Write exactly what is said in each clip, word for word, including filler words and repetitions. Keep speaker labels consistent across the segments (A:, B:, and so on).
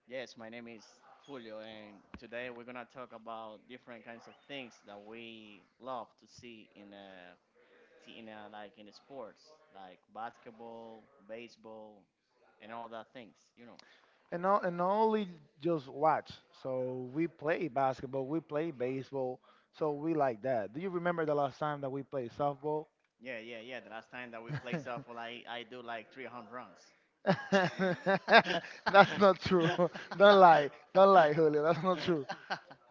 A: Yes, my name is Julio, and today we're gonna talk about different kinds of things that we love to see in uh, see in uh, like in sports, like basketball, baseball, and all that things. You know.
B: And not and not only just watch. So we play basketball, we play baseball. So we like that. Do you remember the last time that we played softball?
A: Yeah, yeah, yeah. The last time that we played softball, I I do like three home runs.
B: That's not true. Don't lie. Don't lie, Julio. That's not true.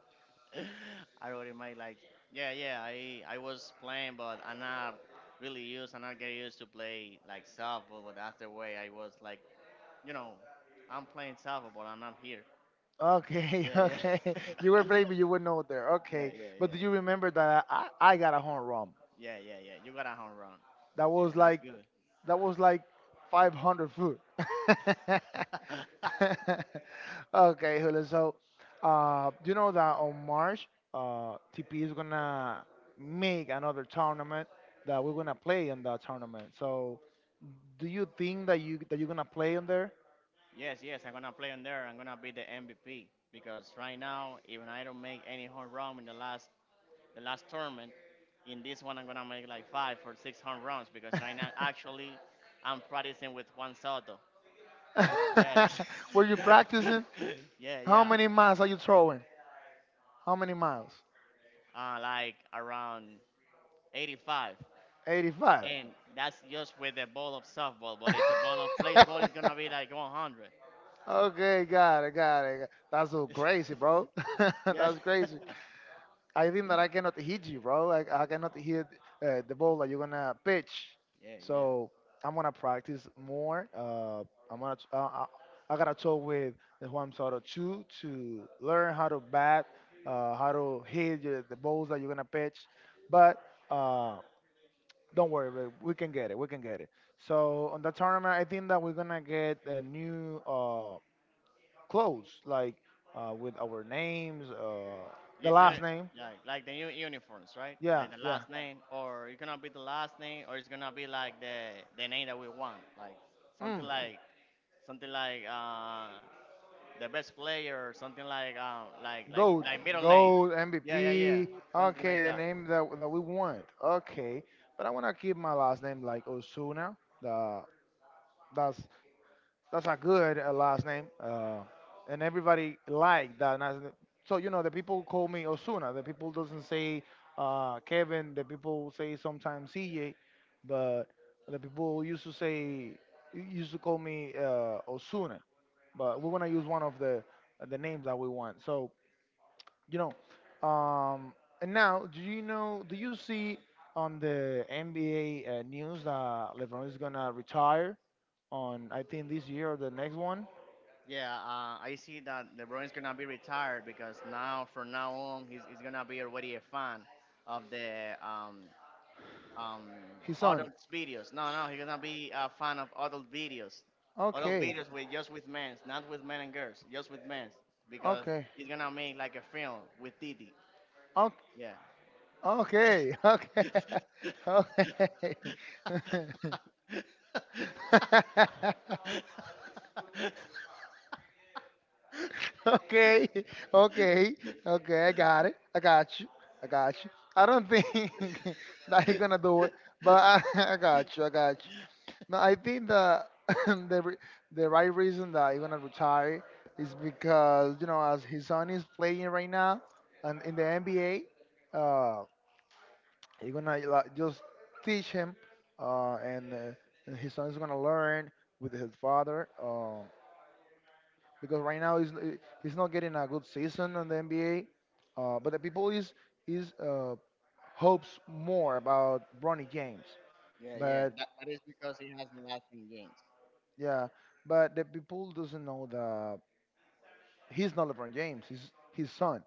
A: I wrote in my like, yeah, yeah. I I was playing, but I'm not really used. I'm not getting used to play like softball. But that's the way I was like, you know, I'm playing softball, but I'm not here.
B: Okay,
A: Yeah,
B: okay.
A: yeah,
B: You were playing, but you were not there.
A: yeah,
B: Okay.
A: yeah,
B: But do you
A: yeah,
B: remember that I, I got a home run?
A: yeah, yeah, yeah. You got a home run.
B: That
A: Yeah,
B: was
A: that's
B: like
A: good.
B: That was like five hundred food. Okay, Julio. So, uh, you know that on March, uh, T P is gonna make another tournament that we're gonna play in that tournament. So, do you think that you that you're gonna play in there?
A: Yes, yes. I'm gonna play on there. I'm gonna be the M V P because right now, even I don't make any home run in the last the last tournament. In this one I'm gonna make like five or six home runs because right now actually I'm practicing with Juan Soto. Yeah, it-
B: Were you
A: is.
B: practicing?
A: Yeah,
B: How
A: yeah.
B: many miles are you throwing? How many miles?
A: Uh, like around eighty-five,
B: eighty-five.
A: and that's just with a ball of softball. But it's a ball of baseball. It's gonna be like one hundred.
B: Okay, got it, got it. got- That's so crazy, bro.
A: Yes.
B: That's crazy.
A: Yeah,
B: I think that I cannot hit you, bro. Like I cannot hit uh, the ball that you're gonna pitch.
A: yeah. Yeah.
B: So I'm gonna practice more. Uh, I'm gonna. Uh, I, I gotta talk with the Juan Soto too to learn how to bat, uh, how to hit the, the balls that you're gonna pitch. But uh, don't worry, bro. We can get it. We can get it. So on the tournament, I think that we're gonna get a new. Uh, clothes, like uh, with our names, uh, the
A: You know,
B: last name.
A: like like the new uniforms, right?
B: Yeah,
A: Like the
B: yeah.
A: last name, or it's gonna be the last name, or it's gonna be like the the name that we want, like something
B: Mm.
A: like Something like uh, the best player, something like um, like like
B: Gold,
A: like middle name.
B: gold,
A: Yeah, yeah, yeah.
B: M V P.
A: Something
B: Okay,
A: like
B: the
A: that.
B: name that that we want. Okay, but I wanna keep my last name like Osuna. The that's that's a good uh, last name. Uh, and everybody liked that. And I, so, you know, the people call me Osuna. The people doesn't say uh, Kevin. The people say sometimes C J. But the people used to say, used to call me uh, Osuna. But we want to use one of the uh, the names that we want. So, you know, um, and now, do you know, do you see on the N B A uh, news that LeBron is going to retire on, I think, this year or the next one?
A: Yeah, uh, I see that LeBron is gonna be retired because now, from now on, he's, he's gonna be already a fan of the um um
B: His son.
A: adult videos. No, no, he's gonna be a fan of adult videos, adult
B: Okay.
A: videos with just with men, not with men and girls, just with men, because
B: Okay.
A: he's gonna make like a film with Titi. Yeah,
B: Okay. Okay. Okay. Okay. Okay. Okay. Okay. I got it. I got you. I got you. I don't think that he's gonna do it, but I, I got you. I got No, I think the the re- the right reason that he's gonna retire is because you know as his son is playing right now and in the N B A, uh, you gonna like, just teach him, uh, and, uh, and his son is gonna learn with his father. Um, because right now he's n- he's not getting a good season on the N B A, uh, but the people is is uh, hopes more about Bronny James,
A: yeah, yeah.
B: but
A: That, that is because he has the lasting games.
B: yeah, but the people doesn't know that he's not LeBron James. He's his son,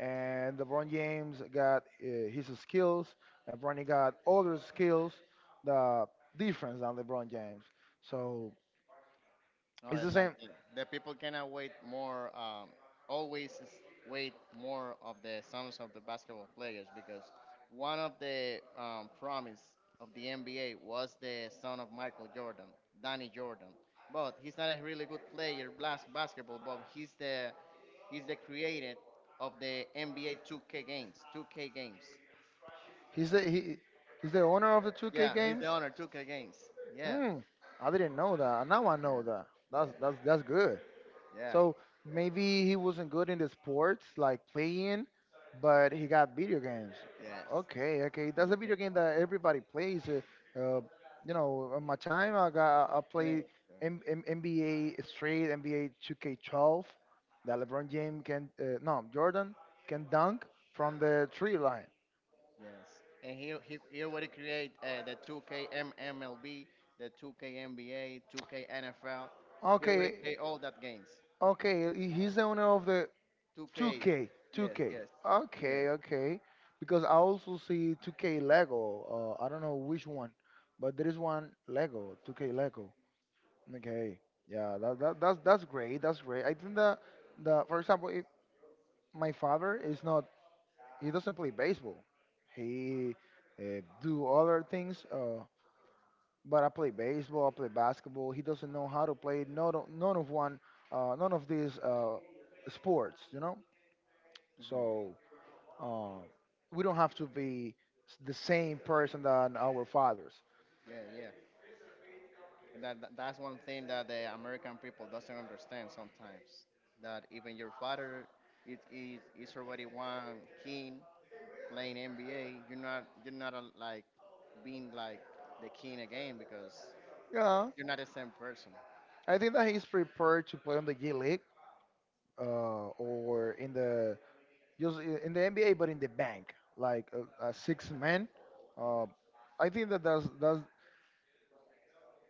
B: and LeBron James got uh, his skills, and Bronny got other skills. The difference than LeBron James. So
A: No,
B: it's
A: I
B: the
A: like
B: same.
A: the, the people cannot wait more. Um, always s- wait more of the songs of the basketball players because one of the um, promise of the N B A was the son of Michael Jordan, Danny Jordan. But he's not a really good player blas- basketball, but he's the he's the creator of the N B A two K games, two K games.
B: He's the he, he's the owner of the two K
A: Yeah, he's
B: games.
A: the owner two K games. Yeah,
B: Hmm. I didn't know that. Now I know
A: yeah,
B: that. That's
A: yeah,
B: that's that's good.
A: yeah.
B: So maybe he wasn't good in the sports, like playing, but he got video games.
A: Yes.
B: Okay, okay.
A: It's
B: That's
A: really
B: a
A: good.
B: video game that everybody plays. Uh, uh, you know, on my time, I got I
A: And
B: play
A: it-
B: M- N B A Street, N B A two K twelve. That LeBron James can, uh, no, Jordan can dunk from the three line.
A: Yes, and he he he already create uh, the two K M- MLB, the two K N B A, two K N F L. He already
B: Okay,
A: create all that games.
B: okay. he- He's the owner of the
A: two K.
B: 2K,
A: Yes,
B: 2K.
A: yes, yes.
B: Okay, okay. Because I also see two K Lego. Uh, I don't know which one, but there is one Lego, two K Lego. Okay. Yeah, that, that that's that's great. That's great. I think that the for example, if my father is not he doesn't play baseball. He uh, do other things. Uh, but I play baseball. I play basketball. He doesn't know how to play none of, none of one uh, none of these uh, sports. You know.
A: Hmm.
B: So Um, we don't have to be s- the same person than our fathers.
A: Yeah, yeah. And that, that that's one thing that the American people doesn't understand sometimes. That even your father is is, is already one king playing N B A. You're not you're not a, like being like the king again because
B: Yeah,
A: you're not the same person.
B: I think that he's prepared to play on the G League uh, or in the just i- in the N B A, but in the bank, like a, a six man.
A: Yeah.
B: Uh, I think that that's that's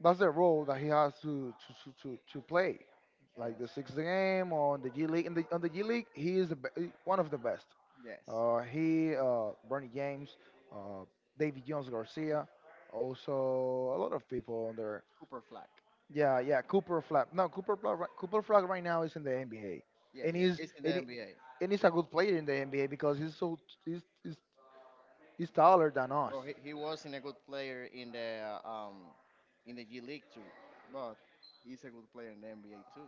B: that's the role that he has to to to, to to play, like
A: Yes.
B: the sixth game on the G League. In the on the G League, he is the be- one of the best.
A: Yes,
B: Uh, he, uh, Bernie James, uh, David Jones Garcia, also a lot of people on there.
A: Cooper Flag.
B: Yeah, yeah. Cooper Flag. No, Cooper Flag. ri- Cooper Flag right now is in the N B A,
A: Yeah,
B: and
A: yeah,
B: he's
A: he's in the
B: and, he,
A: N B A.
B: and he's
A: Yeah,
B: a good player in the N B A because he's so he's, he's he's taller than us.
A: well, he, he wasn't a good player in the uh, um in the G League too, but he's a good player in the N B A too.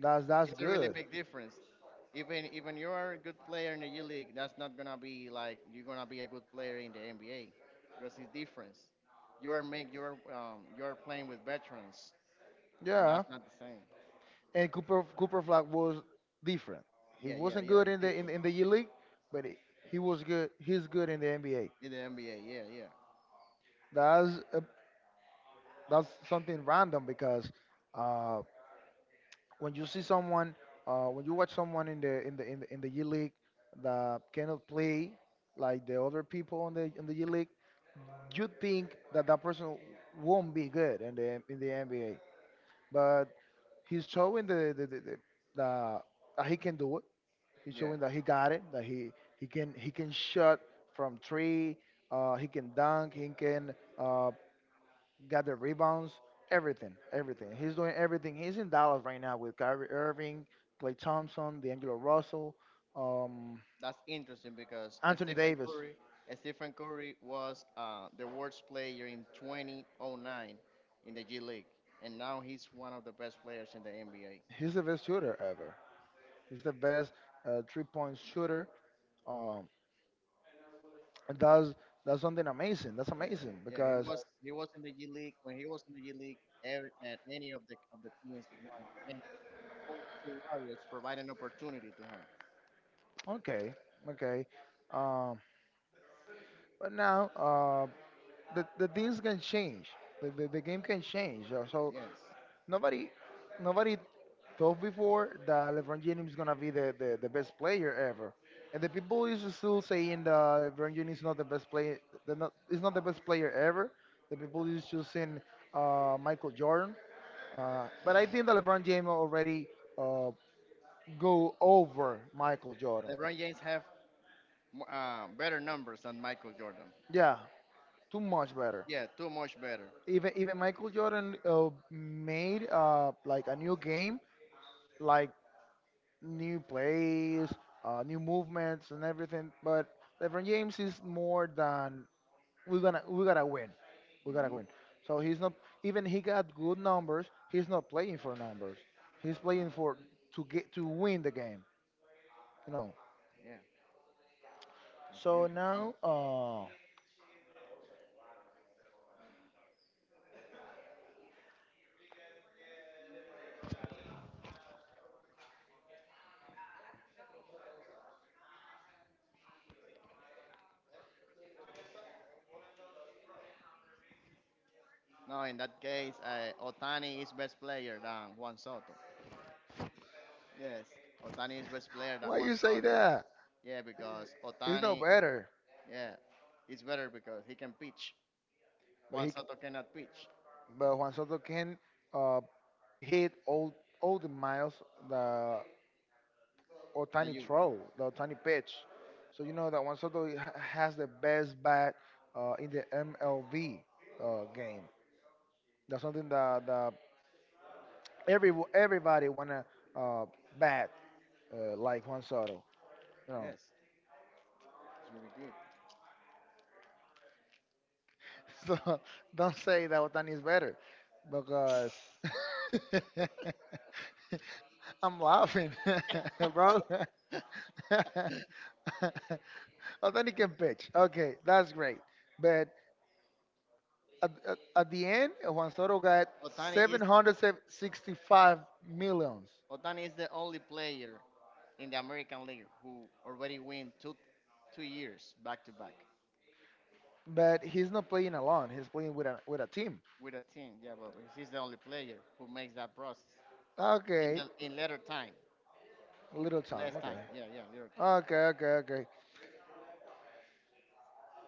B: That's that's
A: It's a really
B: good.
A: big difference. Even even you're a good player in the G League, that's not gonna be like you're gonna be a good player in the N B A because it's difference. You are make you are um you are playing with veterans, and that's
B: Yeah,
A: not the same.
B: and Cooper Cooper Flag was different. He
A: Yeah, yeah,
B: wasn't
A: yeah,
B: good
A: it's
B: in the in,
A: different
B: in the E League, but he, he was good. He's good in the N B A.
A: in the N B A. Yeah, yeah,
B: That's a, that's uh, that's something random because. Uh, when you see someone, uh, when you watch someone in the in the in the in the G League that cannot play like the other people on the in the G League, you think that that person won't be good in the in the N B A, but he's showing the the, the, the, the that he can do it. He's
A: yeah.
B: showing that he got it. That he he can he can shot from three. Uh, he can dunk. He can uh, got the rebounds, everything, everything. He's doing everything. He's in Dallas right now with Kyrie Irving, Klay Thompson, D'Angelo Russell, um,
A: That's interesting because
B: Anthony
A: Stephen
B: Davis.
A: Curry, Stephen Curry was uh, the worst player in two thousand nine in the G League, and now he's one of the best players in the N B A.
B: He's the best shooter ever. He's the best uh, three-point shooter. Um, and that's that's something amazing. That's
A: Yeah,
B: amazing
A: yeah, he
B: because
A: was he was in the G League when he was in the G League. Every, at any of the of the teams won, and all the Warriors provide an opportunity to him.
B: okay, okay. Um, but now uh, the the things can change. The, the, the game can change. Uh, So
A: Yes,
B: nobody nobody told before that LeBron James is gonna be the, the, the best player ever, and the people is still saying that LeBron James is not the best player. The not is not the best player ever. The people is choosing uh, Michael Jordan, uh, but I think that LeBron James already uh, go over Michael Jordan.
A: LeBron James have mo- uh, better numbers than Michael Jordan.
B: Yeah, too much better.
A: Yeah, too much better.
B: Even even Michael Jordan uh, made uh, like a new game, like new plays, uh, new movements, and everything. But LeBron James is more than we're gonna we gotta win. We gotta
A: Hmm.
B: win. So he's not even he got good numbers. He's not playing for numbers. He's playing for to get to win the game. You know.
A: Yeah,
B: So
A: that's good.
B: now, uh,
A: No, in that case, uh, Otani is best player than Juan Soto. Yes, Otani is best player than
B: why
A: Juan
B: you say
A: Soto.
B: that?
A: Yeah, because
B: He's not
A: Otani,
B: better,
A: yeah, is better because he can pitch.
B: but
A: Juan
B: he
A: Soto cannot pitch.
B: but Juan Soto can uh, hit all all the miles that or
A: Are
B: tiny
A: you?
B: throw, the tiny pitch. So you know that Juan Soto ha- has the best bat uh, in the M L B uh, game. That's something that, that every everybody wanna uh, bat uh, like Juan Soto. You know,
A: Yes, it's really good.
B: so don't say that Otani is better because I'm laughing, bro. Otani can pitch. Okay, that's great, but at, at, at the end, Juan Soto got
A: Otani is
B: seven hundred sixty-five millions,
A: Otani is the only player in the American League who already win two two years back to back
B: but he's not playing alone. He's playing with a with a team.
A: with a team. Yeah, but he's the only player who makes that process in
B: Okay,
A: the in later time,
B: little Tom.
A: less
B: Okay,
A: time. Yeah, yeah, later time.
B: okay, okay, okay.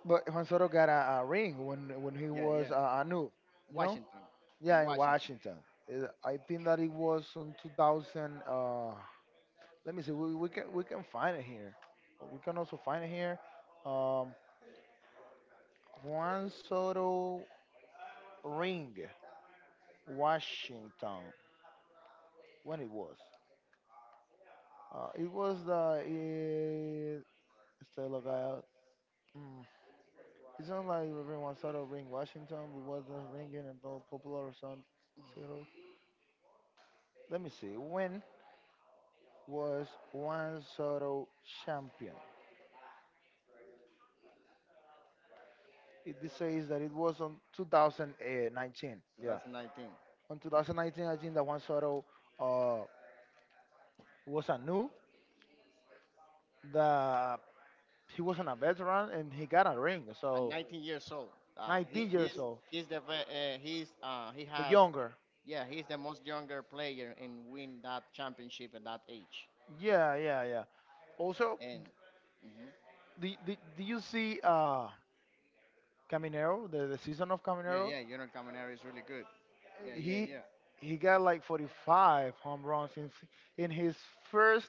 B: But Juan Soto got a, a ring when when he
A: Yeah,
B: was
A: yeah.
B: uh, a noob, you know?
A: Washington, in
B: Yeah, in
A: Washington,
B: Washington. Uh, I think that it was in two thousand. Uh, let me see. We, we can we can find it here. We can also find it here. Um, Juan Soto ring. Washington. When it was. Uh, it was the it, still a guy. Mm, it sounds like everyone sort of ring Washington, but wasn't ringing about popular song title. Let me see. When was Juan Soto champion? It this says that it was on two thousand nineteen. Yeah,
A: twenty nineteen.
B: on two thousand nineteen, I think that Juan Soto uh, was a new. The he wasn't a veteran and he got a ring.
A: At
B: So
A: nineteen years old, uh, he,
B: nineteen years
A: he's
B: old,
A: he's the ve- uh, he's uh, he
B: the
A: has.
B: younger.
A: Yeah, he's the most younger player in win that championship at that age.
B: Yeah, yeah, yeah. Also,
A: And mhm.
B: Do, y- do, do you see uh Caminero, the, the season of
A: Yeah,
B: Caminero?
A: yeah, Junior Caminero is really good. Yeah, yeah,
B: He
A: yeah.
B: he got like forty-five home runs in s- in his first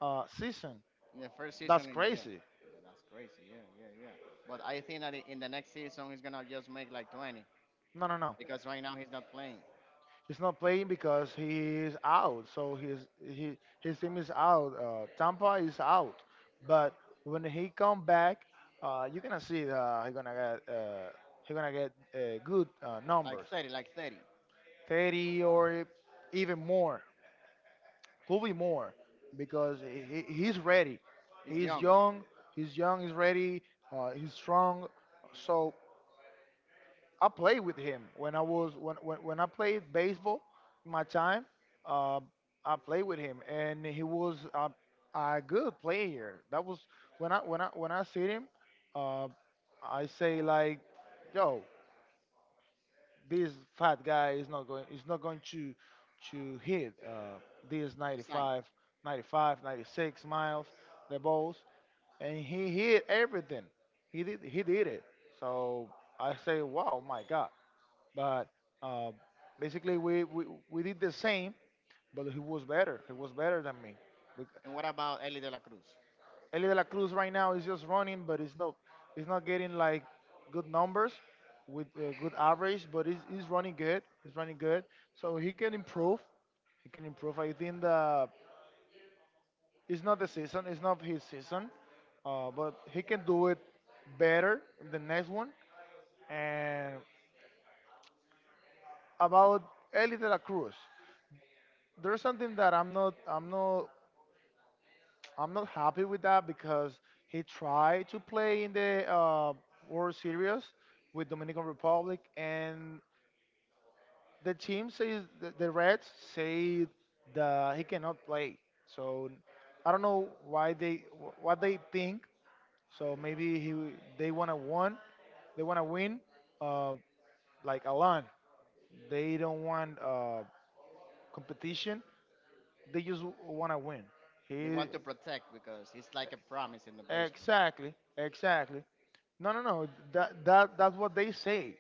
B: uh season.
A: In the first
B: That's
A: season, and yeah,
B: crazy.
A: yeah, that's crazy. Yeah, yeah, yeah. But I think that in the next season he's gonna just make like twenty
B: No, no, no.
A: because right now he's not playing
B: He's not playing because he is out. So his he his team is out. Uh, Tampa is out. But when he come back, uh, you're gonna see uh, he gonna get uh, he gonna get uh, good uh,
A: like
B: numbers,
A: thirty, like thirty.
B: thirty or even more. Could be more because he, he- he's ready.
A: He's
B: He's
A: younger
B: young. He's young. He's ready. Uh, he's strong. So I played with him when I was when when, when I played baseball in my time. Uh, I played with him, and he was a, a good player. That was when I when I when I see him. Uh, I say like, yo, this fat guy is not going is not going to to hit uh, these
A: to sign.
B: ninety-five, ninety-five ninety-six miles the balls, and he hit everything. He did he did it. So i say, wow, my god. But uh, basically, we, we we did the same, but he was better he was better than me.
A: And what about Eli De La Cruz?
B: Eli De La Cruz right now is just running, but it's not it's not getting like good numbers with uh, good average, but he's, he's running good. He's running good, so he can improve. He can improve. I think the it's not the season. It's not his season, uh, but he can do it better in the next one. And about Eli De La Cruz, there's something that I'm not I'm not I'm not happy with that, because he tried to play in the uh, World Series with Dominican Republic, and the team says, the, the Reds say that he cannot play. So I don't know why they wh- what they think. So maybe he they wanna win, they wanna win, uh, like Alan. They don't want uh, competition. They just wanna win.
A: They
B: He
A: want to protect because it's like a promise in the baseball.
B: exactly, exactly. No, no, no. That that that's what they say.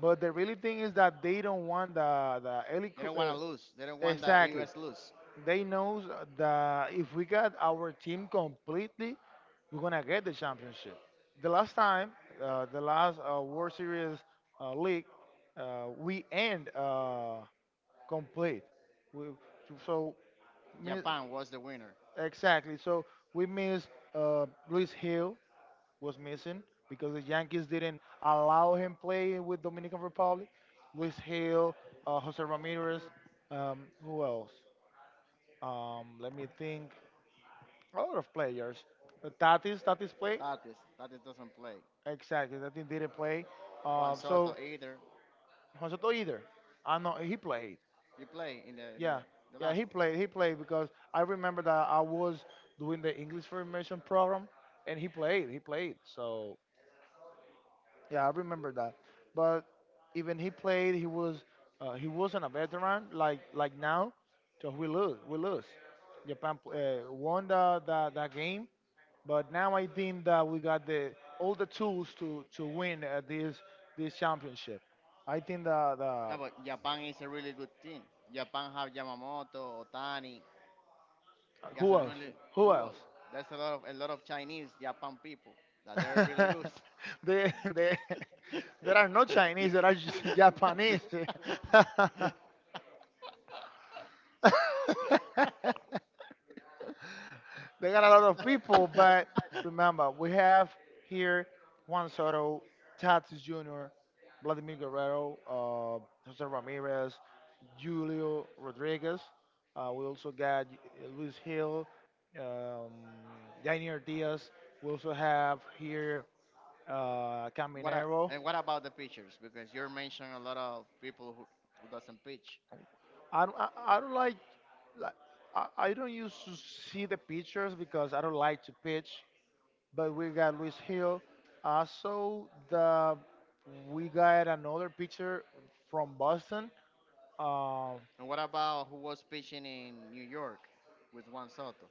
B: But the really thing is that they don't want the the early
A: They don't
B: cr-
A: want
B: uh,
A: to lose. They don't want the
B: exactly.
A: U S lose.
B: They knows that if we got our team completely, we're gonna get the championship. The last time, uh, the last uh, World Series uh, league, uh, we end uh, complete. We, so mean-
A: Japan was the winner.
B: exactly. So we miss uh, Luis Hill was missing because the Yankees didn't allow him play with Dominican Republic. Luis Hill, uh, Jose Ramirez, um, who else? Um, let me think. A lot of players. Uh, Tatis, Tatis played.
A: Tatis, Tatis doesn't play.
B: Exactly, Tatis didn't play.
A: Juan
B: Uh, so
A: Soto either.
B: Jose Soto either. I know he played.
A: He play in the, the
B: Yeah,
A: the
B: yeah,
A: last
B: he
A: one.
B: played. He played because I remember that I was doing the English for immersion program, and he played. He played. So yeah, I remember that. But even he played, he was uh, he wasn't a veteran like like now. So we lose, we lose. Japan uh, won the, the that game, but now I think that we got the all the tools to to win, uh, this this championship. I think the
A: No,
B: the
A: but Japan is a really good team. Japan have Yamamoto, Otani. He has
B: who
A: a
B: else?
A: really
B: Who
A: who
B: else?
A: else? There's a lot of a lot of Chinese Japan people that they're really
B: they, they,
A: good.
B: there are no Chinese, there are just Japanese. They got a lot of people, but remember, we have here Juan Soto, Tatis Junior, Vladimir Guerrero, uh, Jose Ramirez, Julio Rodriguez. Uh, we also got Luis Hill, um, Daniel Diaz. We also have here uh,
A: What a,
B: Caminero.
A: and what about the pitchers? Because you're mentioning a lot of people who, who doesn't pitch.
B: I don't, I, I don't like, like I, I don't used to see the pitchers because I don't like to pitch. But we got Luis Hill. Also, the we got another pitcher from Boston. Um,
A: And what about who was pitching in New York with Juan Soto,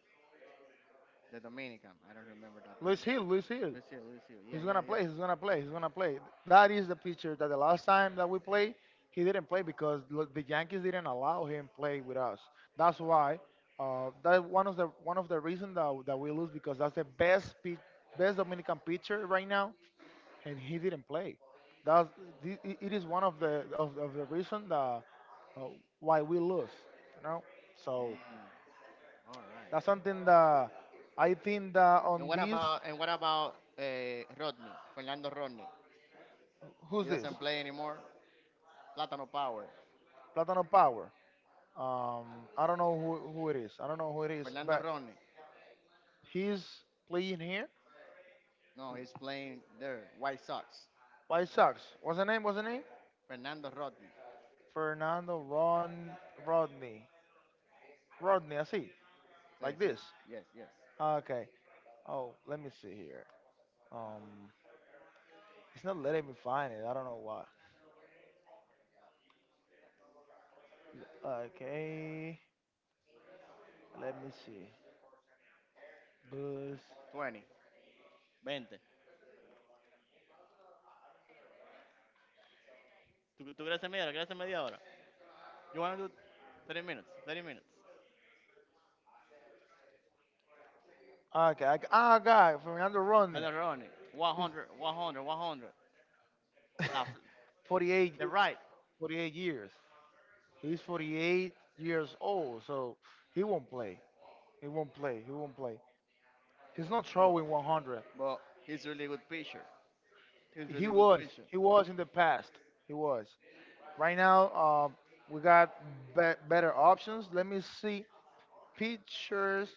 A: the Dominican? I don't remember that
B: Luis
A: name.
B: Hill, Luis Hill.
A: Lucille, Lucille. Yeah,
B: He's
A: yeah,
B: gonna play.
A: yeah.
B: He's gonna play. He's gonna play. That is the pitcher that the last time that we played, he didn't play because lo- the Yankees didn't allow him play with us. That's why. Uh, that one of the one of the reasons that, that we lose, because that's the best pit, best Dominican pitcher right now, and he didn't play. That's thi- i- it is one of the of, of the reason that uh, why we lose. You know, so
A: Mm, all
B: that's
A: right.
B: something that I think that
A: And
B: on
A: what
B: this,
A: about and what about uh, Rodney, Fernando Rodney? He
B: who's this?
A: doesn't play anymore. Plátano Power.
B: Platano Power. Um, I don't know who, who it is. I don't know who it is,
A: Fernando
B: but
A: Rodney.
B: he's playing here.
A: No, he's playing there. White Sox.
B: White Sox. What's the name? What's the name?
A: Fernando Rodney.
B: Fernando Ron Rodney. Rodney, I see.
A: Sí,
B: Like
A: sí.
B: this.
A: Yes, yes.
B: Ah, okay. Oh, let me see here. Um, it's not letting me find it. I don't know why. Okay, let me see. Bus.
A: twenty. twenty. ¿Tú, tú crees media hora? ¿Crees media hora? You want to do thirty minutes, thirty minutes.
B: Okay, I, ah, guy, Fernando Rodney,
A: Macaroni, one hundred, one hundred, one hundred. La, f-
B: forty-eight,
A: the right.
B: forty-eight years. He's forty-eight years old, so he won't play. He won't play. He won't play. He's not
A: No,
B: throwing one hundred.
A: but he's really good pitcher. He's
B: He
A: really good
B: was.
A: pitcher.
B: He was in the past. He was. Right now, um, we got be- better options. Let me see. Pitchers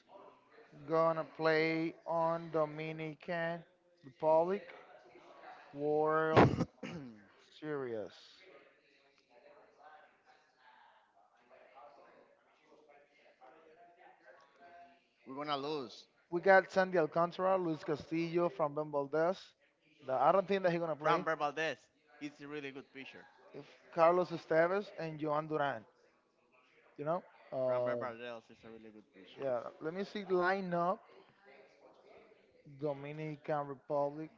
B: gonna play on Dominican Republic World Serious.
A: We're going to lose.
B: We got Sandy Alcantara, Luis Castillo, from Ben Valdez. That I don't think that he's gonna
A: Fran
B: play.
A: Valdez, he's a really good pitcher.
B: If Carlos Estevez and Joan Duran, you know.
A: Fran
B: Uh,
A: Valdez is a really good pitcher.
B: yeah. Let me see lineup Dominican Republic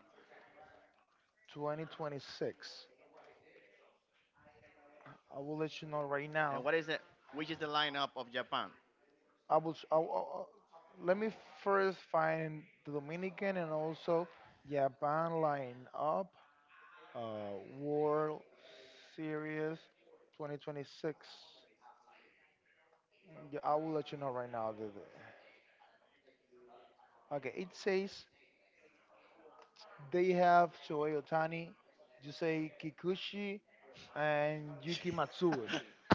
B: twenty twenty-six. I will let you know right now.
A: And what is it? Which is the lineup of Japan?
B: I will. S- I will- I Let me first find the Dominican and also Japan lineup. Uh, World Series twenty twenty-six. Yeah, I will let you know right now. The, the- okay, it says they have Shohei Otani. You say Kikuchi and Yuki Matsue.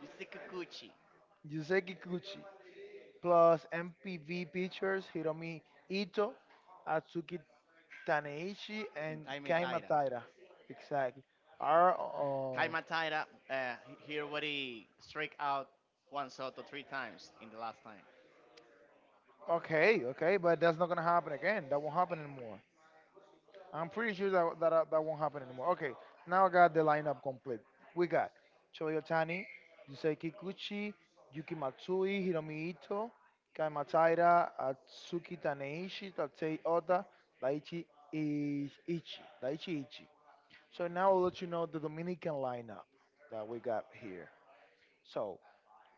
A: Yusuke Kikuchi
B: You say Kikuchi plus M P V pitchers Hiromi Ito, Atsuki Taneishi,
A: and
B: and
A: Kaime
B: Kai
A: Taira.
B: Mataira. Exactly. Are uh,
A: Kaime Taira, uh, he already struck out Juan Soto three times in the last time.
B: okay, okay, but that's not gonna happen again. That won't happen anymore. I'm pretty sure that that, uh, that won't happen anymore. Okay, now I got the lineup complete. We got Toyotani, Yusei Kikuchi, Yuki Matsui, Hiromi Ito, Kai Matsuura, Atsuki Taneishi, Tatei Ota, Daichi Ichi, Ichi, Daichi Ichi. So now I'll let you know the Dominican lineup that we got here. So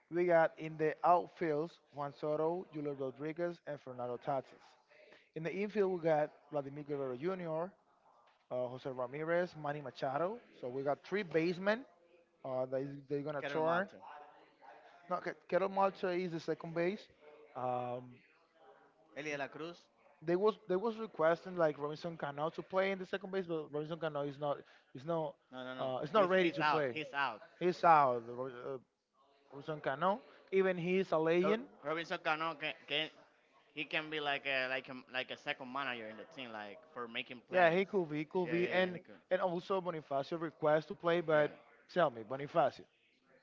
B: we got in the outfields Juan Soto, Julio Rodriguez, and Fernando Tatis. In the infield we got Vladimir Guerrero Junior, uh, Jose Ramirez, Manny Machado. So we got three basemen uh, that is, they're gonna
A: Keter
B: turn.
A: Malto.
B: No, Ke- Ketel Marte is the second base. Um,
A: Elia de La Cruz.
B: they was they was requesting like Robinson Cano to play in the second base, but Robinson Cano is not is not
A: No, no, no.
B: uh, is not
A: He's
B: ready
A: he's
B: to
A: out.
B: play.
A: He's out.
B: He's out. Ro- uh, Robinson Cano, even he is a
A: Ro-
B: legend.
A: Robinson Cano can, can he can be like a like a, like a second manager in the team, like for making
B: Yeah,
A: plays.
B: he could be, he could
A: Yeah, yeah,
B: be,
A: yeah.
B: and
A: He could.
B: and also Bonifacio requests to play, but
A: Yeah.
B: tell me, Bonifacio,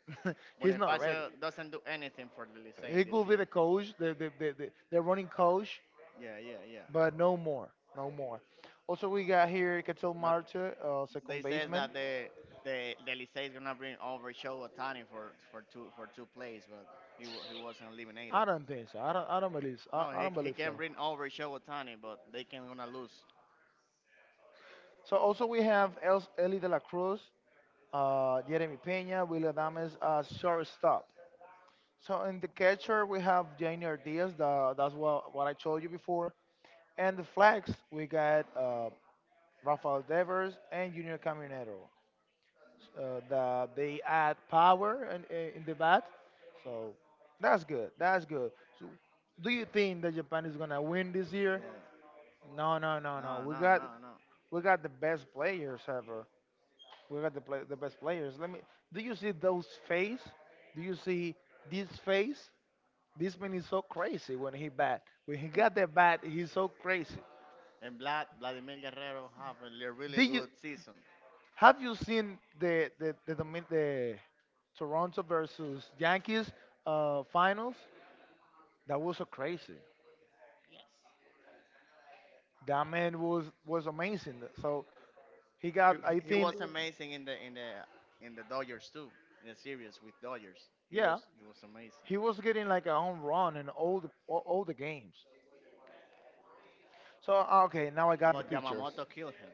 B: he's not ready.
A: Bonifacio doesn't do anything for the Licey in
B: He
A: this
B: could be the
A: year.
B: coach, the the, the, the, the running coach,
A: Yeah, yeah, yeah.
B: but no more, no more. Also, we got here Quetzal
A: But
B: Marte, uh,
A: they
B: second
A: says
B: baseman.
A: that the the the Licey is gonna bring over Show Otani for for two for two plays, but he wa- he wasn't eliminated.
B: I don't think so. I don't. I don't believe. So. I,
A: No,
B: I
A: he
B: don't
A: he
B: believe so.
A: can bring over Show Otani, but they can gonna lose.
B: So also we have El, Eli De La Cruz, uh, Jeremy Pena, Willie Adames as shortstop. So in the catcher we have Janier Diaz. The, that's what what I told you before. And the flags we got uh, Rafael Devers and Junior Caminero, uh, that they add power in, in in the bat. So that's good. That's good. So do you think that Japan is gonna win this year?
A: Yeah.
B: No, no, no, no.
A: No,
B: We
A: no,
B: got
A: no, no.
B: we got the best players ever. We got the play, the best players. Let me. Do you see those face? Do you see this face? This man is so crazy when he bat. When he got the bat, he's so crazy.
A: And Vlad, Vladimir Guerrero have a li- really
B: Did you
A: good season.
B: Have you seen the the the, Domin- the Toronto versus Yankees uh, finals? That was so crazy.
A: Yes.
B: That
A: Wow.
B: man was was amazing. So he
A: He,
B: got, I
A: he he
B: think,
A: was amazing in the in the in the Dodgers too, in the series with Dodgers. He
B: yeah,
A: was he was amazing.
B: he was getting like a home run in all the all, all the games. So ah, okay, now I got the
A: But
B: pictures.
A: Yamamoto killed him.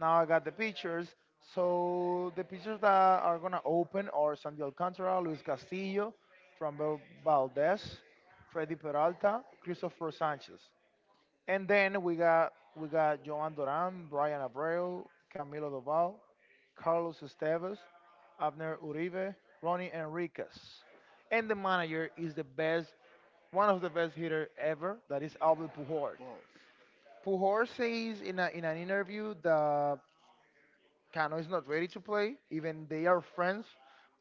B: Now I got the pictures. So the pictures that are gonna open are Sandy Alcantara, Luis Castillo, Trumbo Valdez, Freddy Peralta, Christopher Sanchez. And then we got we got Joan Duran, Brian Abreu, Camilo Doval, Carlos Estevez, Abner Uribe, Ronnie Enriquez. And the manager is the best, one of the best hitter ever, that is Albert Pujols.
A: Both.
B: Pujols says in, a, in an interview that Cano is not ready to play. Even they are friends.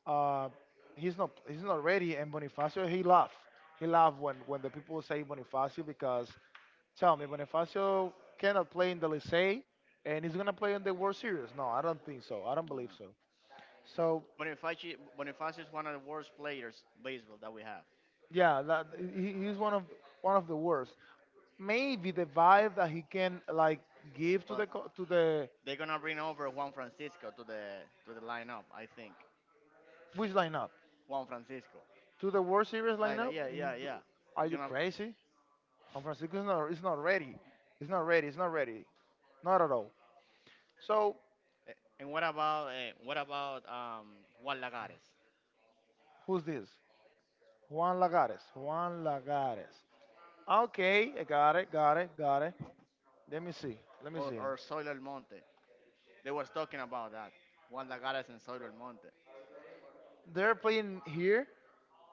B: Uh, he's not he's not ready. And Bonifacio, he laugh. He laugh when when the people say Bonifacio, because tell me Bonifacio cannot play in the Licey and he's gonna play in the World Series. No, I don't think so. I don't
A: I
B: believe
A: know.
B: so. So
A: Bonifacio Bonifacio is one of the worst players baseball that we have.
B: yeah, that, he, he's one of one of the worst. Maybe the vibe that he can like give to
A: But
B: the co- to the
A: they're gonna bring over Juan Francisco to the to the lineup, I think.
B: which lineup
A: Juan Francisco.
B: to the World Series
A: Like, like,
B: lineup.
A: yeah,
B: Mm,
A: yeah, yeah.
B: are
A: He's
B: you
A: gonna.
B: crazy? Juan Francisco is not, is not ready. It's not ready. It's not ready. Not at all. So
A: eh, And what about uh, what about um Juan Lagares?
B: who's this? Juan Lagares. Juan Lagares. Okay, I got it. Got it. Got it. Let me see. Let me
A: or,
B: see.
A: or Soil El Monte. They was talking about that. Juan Lagares and Soil El Monte.
B: They're playing here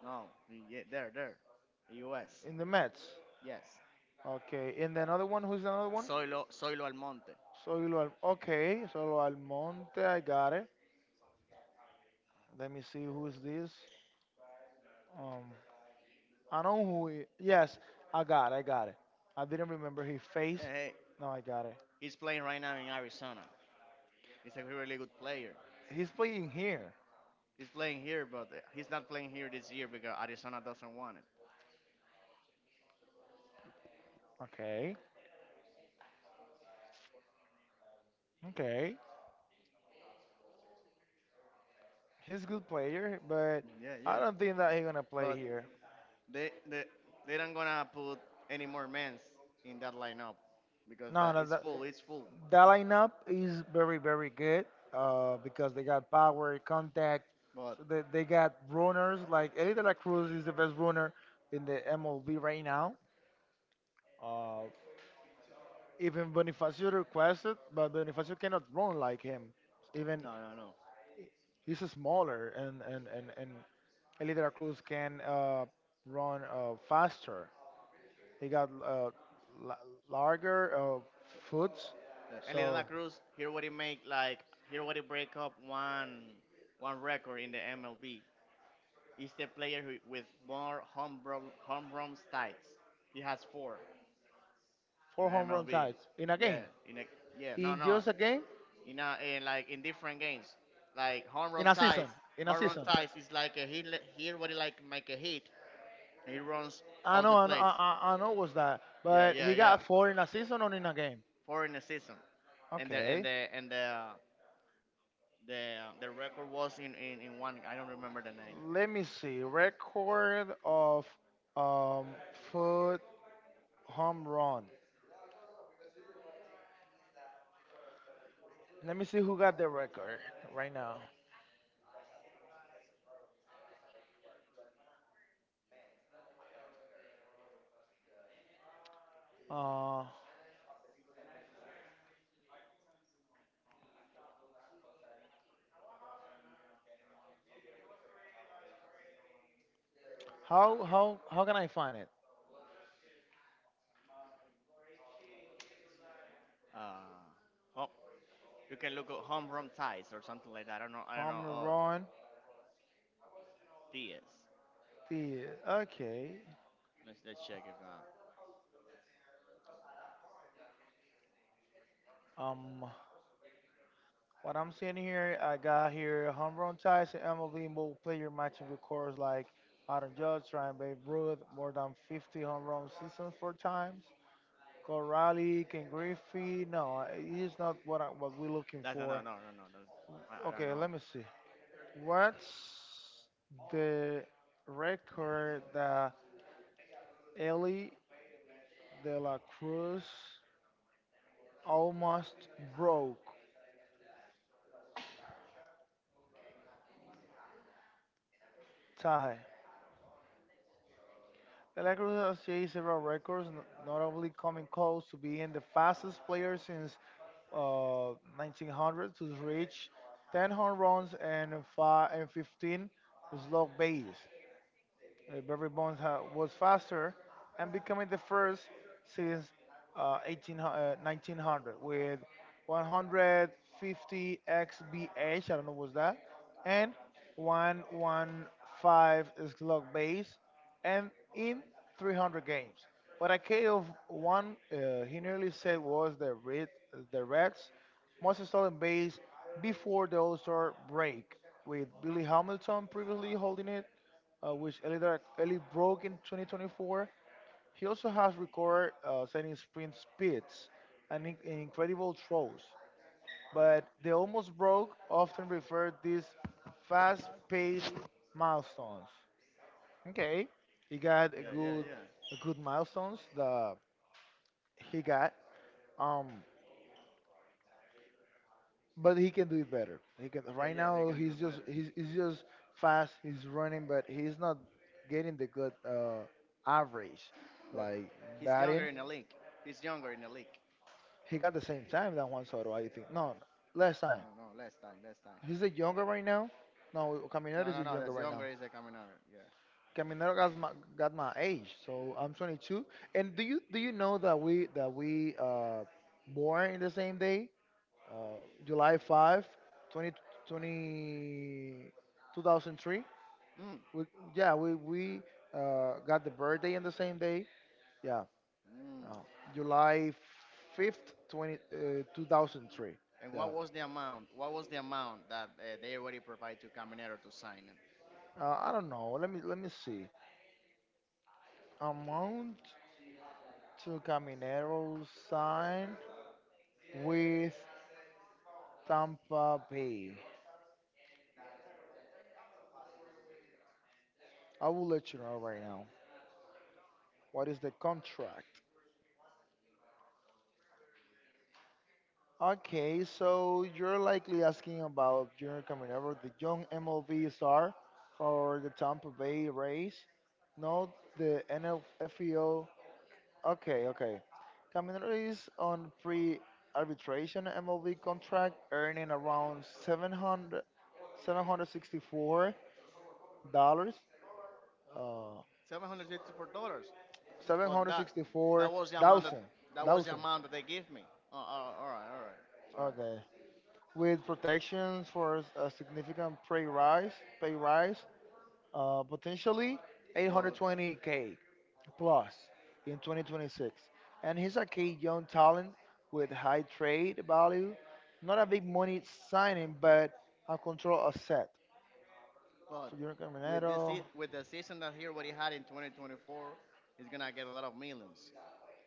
A: No, yeah, there, there. U S.
B: in the Mets.
A: Yes.
B: Okay, and the another one. Who's the another one?
A: Soilo, Soilo El Monte.
B: Solo. Al- Okay, Solo Almonte. I got it. Let me see who's this. Um, I know who. He, yes, I got. It, I got it. I didn't remember his face.
A: Yeah, hey,
B: No, I got it.
A: he's playing right now in Arizona. He's a really good player.
B: He's playing here.
A: He's playing here, but uh, he's not playing here this year because Arizona doesn't want it.
B: Okay. Okay, he's a good player, but
A: Yeah,
B: I
A: yeah.
B: don't think that he's gonna play
A: But
B: here.
A: they they they don't gonna put any more men's in that lineup because
B: No,
A: that
B: no,
A: it's
B: that
A: full, it's full.
B: that lineup is very, very good. Uh, because they got power, contact.
A: But
B: So they they got runners like Eddie De La Cruz is the best runner in the M L B right now. Uh, even Bonifacio requested, but Bonifacio cannot run like him. Even
A: no, no, no.
B: he's smaller, and and and and Eddie De La Cruz can uh run uh faster. He got uh, la- lager uh, foods.
A: Uh, Ellie De La
B: So
A: Cruz, here what he make like here what he break up one one record in the M L B. He's the player who, with more home run home run stats. He has four
B: four
A: in the
B: home run
A: M L B.
B: ties in a
A: Yeah,
B: game.
A: in a yeah no
B: In
A: no
B: just a game.
A: in a, in like in different games like home
B: In
A: run
B: a
A: ties.
B: season. In a
A: Home run
B: season.
A: ties is like a hit. Here what he like make a hit. He runs
B: I
A: all the
B: know. I know. I,
A: plates.
B: I I know was that.
A: Yeah
B: But
A: yeah
B: he
A: yeah.
B: got four in a season or in a game.
A: Four in a season, and the and
B: Okay,
A: the and the The the record was in, in, in one. I don't remember the name.
B: let me see. Record of um foot home run. Let me see who got the record right now. Uh, How how how can I find it?
A: Uh, home, you can look at home run ties or something like that. I don't know. I don't know. Oh,
B: Homegrown
A: Diaz.
B: theater. Okay.
A: Let's let's check if uh,
B: Um, what I'm seeing here, I got here homegrown ties and M L B mobile player matching records like Aaron Judge, Ryan Babe Ruth, more than fifty home run seasons four times. Corrali, Ken Griffey. No, uh, he's not what I, what we're looking
A: that's no no
B: for.
A: no no no. That's, I, I don't
B: Okay,
A: know.
B: let me see. What's the record that Ellie De La Cruz almost broke tie. Galacticos achieved several records, n- notably coming close to being the fastest player since uh, nineteen hundred to reach ten home runs and, five, and fifteen slug bases. Uh, Barry Bonds ha- was faster and becoming the first since uh, eighteen, uh, nineteen hundred with one hundred fifty X B H, I don't know what's that, and one hundred fifteen slug base, and in three hundred games. But a K of one, uh, he nearly said was the Red, the Reds' most stolen base before the All-Star break, with Billy Hamilton previously holding it, uh, which Elidar Eli broke in twenty twenty-four. He also has recorded, uh, setting sprint speeds and in- incredible throws. But the almost broke often refer these fast-paced milestones. Okay, he got a good, a good milestones that he got. Um, but he can do it better. He can.
A: Yeah,
B: Right
A: yeah, he
B: now,
A: can do
B: he's
A: it
B: just
A: better.
B: he's, he's just fast. He's running, but he's not getting the good uh, average,
A: No,
B: like
A: he's
B: batting.
A: younger in the league. He's younger in the league.
B: He got the same time that Juan Soto, I think. No, last
A: No,
B: time.
A: no, no. Last time, last time.
B: He's a younger right now. No, Caminero
A: No,
B: is
A: no,
B: a
A: no.
B: younger
A: That's
B: right now.
A: younger is the Caminero. Yeah.
B: Caminero got my got my age, so I'm twenty-two. And do you do you know that we that we uh born in the same day, uh July fifth, twenty, two thousand three?
A: Mm.
B: We, yeah, we we uh got the birthday in the same day. Yeah,
A: Mm.
B: uh, July fifth, twenty uh, two thousand three.
A: And
B: Yeah.
A: what was the amount? What was the amount that uh, they already provide to Caminero to sign him?
B: Uh, I don't know. Let me let me see. A mount to Caminero sign with Tampa Bay. I will let you know right now. What is the contract? Okay, so you're likely asking about Junior Caminero, the young M L B star for the Tampa Bay Rays, not the N F F E O. Okay, okay. Caminero is on pre arbitration M L B contract, earning around seven hundred. Seven hundred sixty-four dollars. Uh,
A: Seven hundred sixty-four dollars.
B: seven
A: Well,
B: hundred
A: that
B: sixty-four
A: that was the amount that
B: thousand.
A: that was the
B: Thousand.
A: amount that they give me. Oh, oh, all right, all right, all right.
B: Okay. With protections for a significant pay rise, pay rise, uh, potentially
A: But
B: eight hundred twenty k plus in twenty twenty-six. And he's a key young talent with high trade value, not a big money signing, but a control asset.
A: but
B: For your
A: with this
B: Caminero,
A: se- with the season that he already had in twenty twenty-four, he's gonna get a lot of millions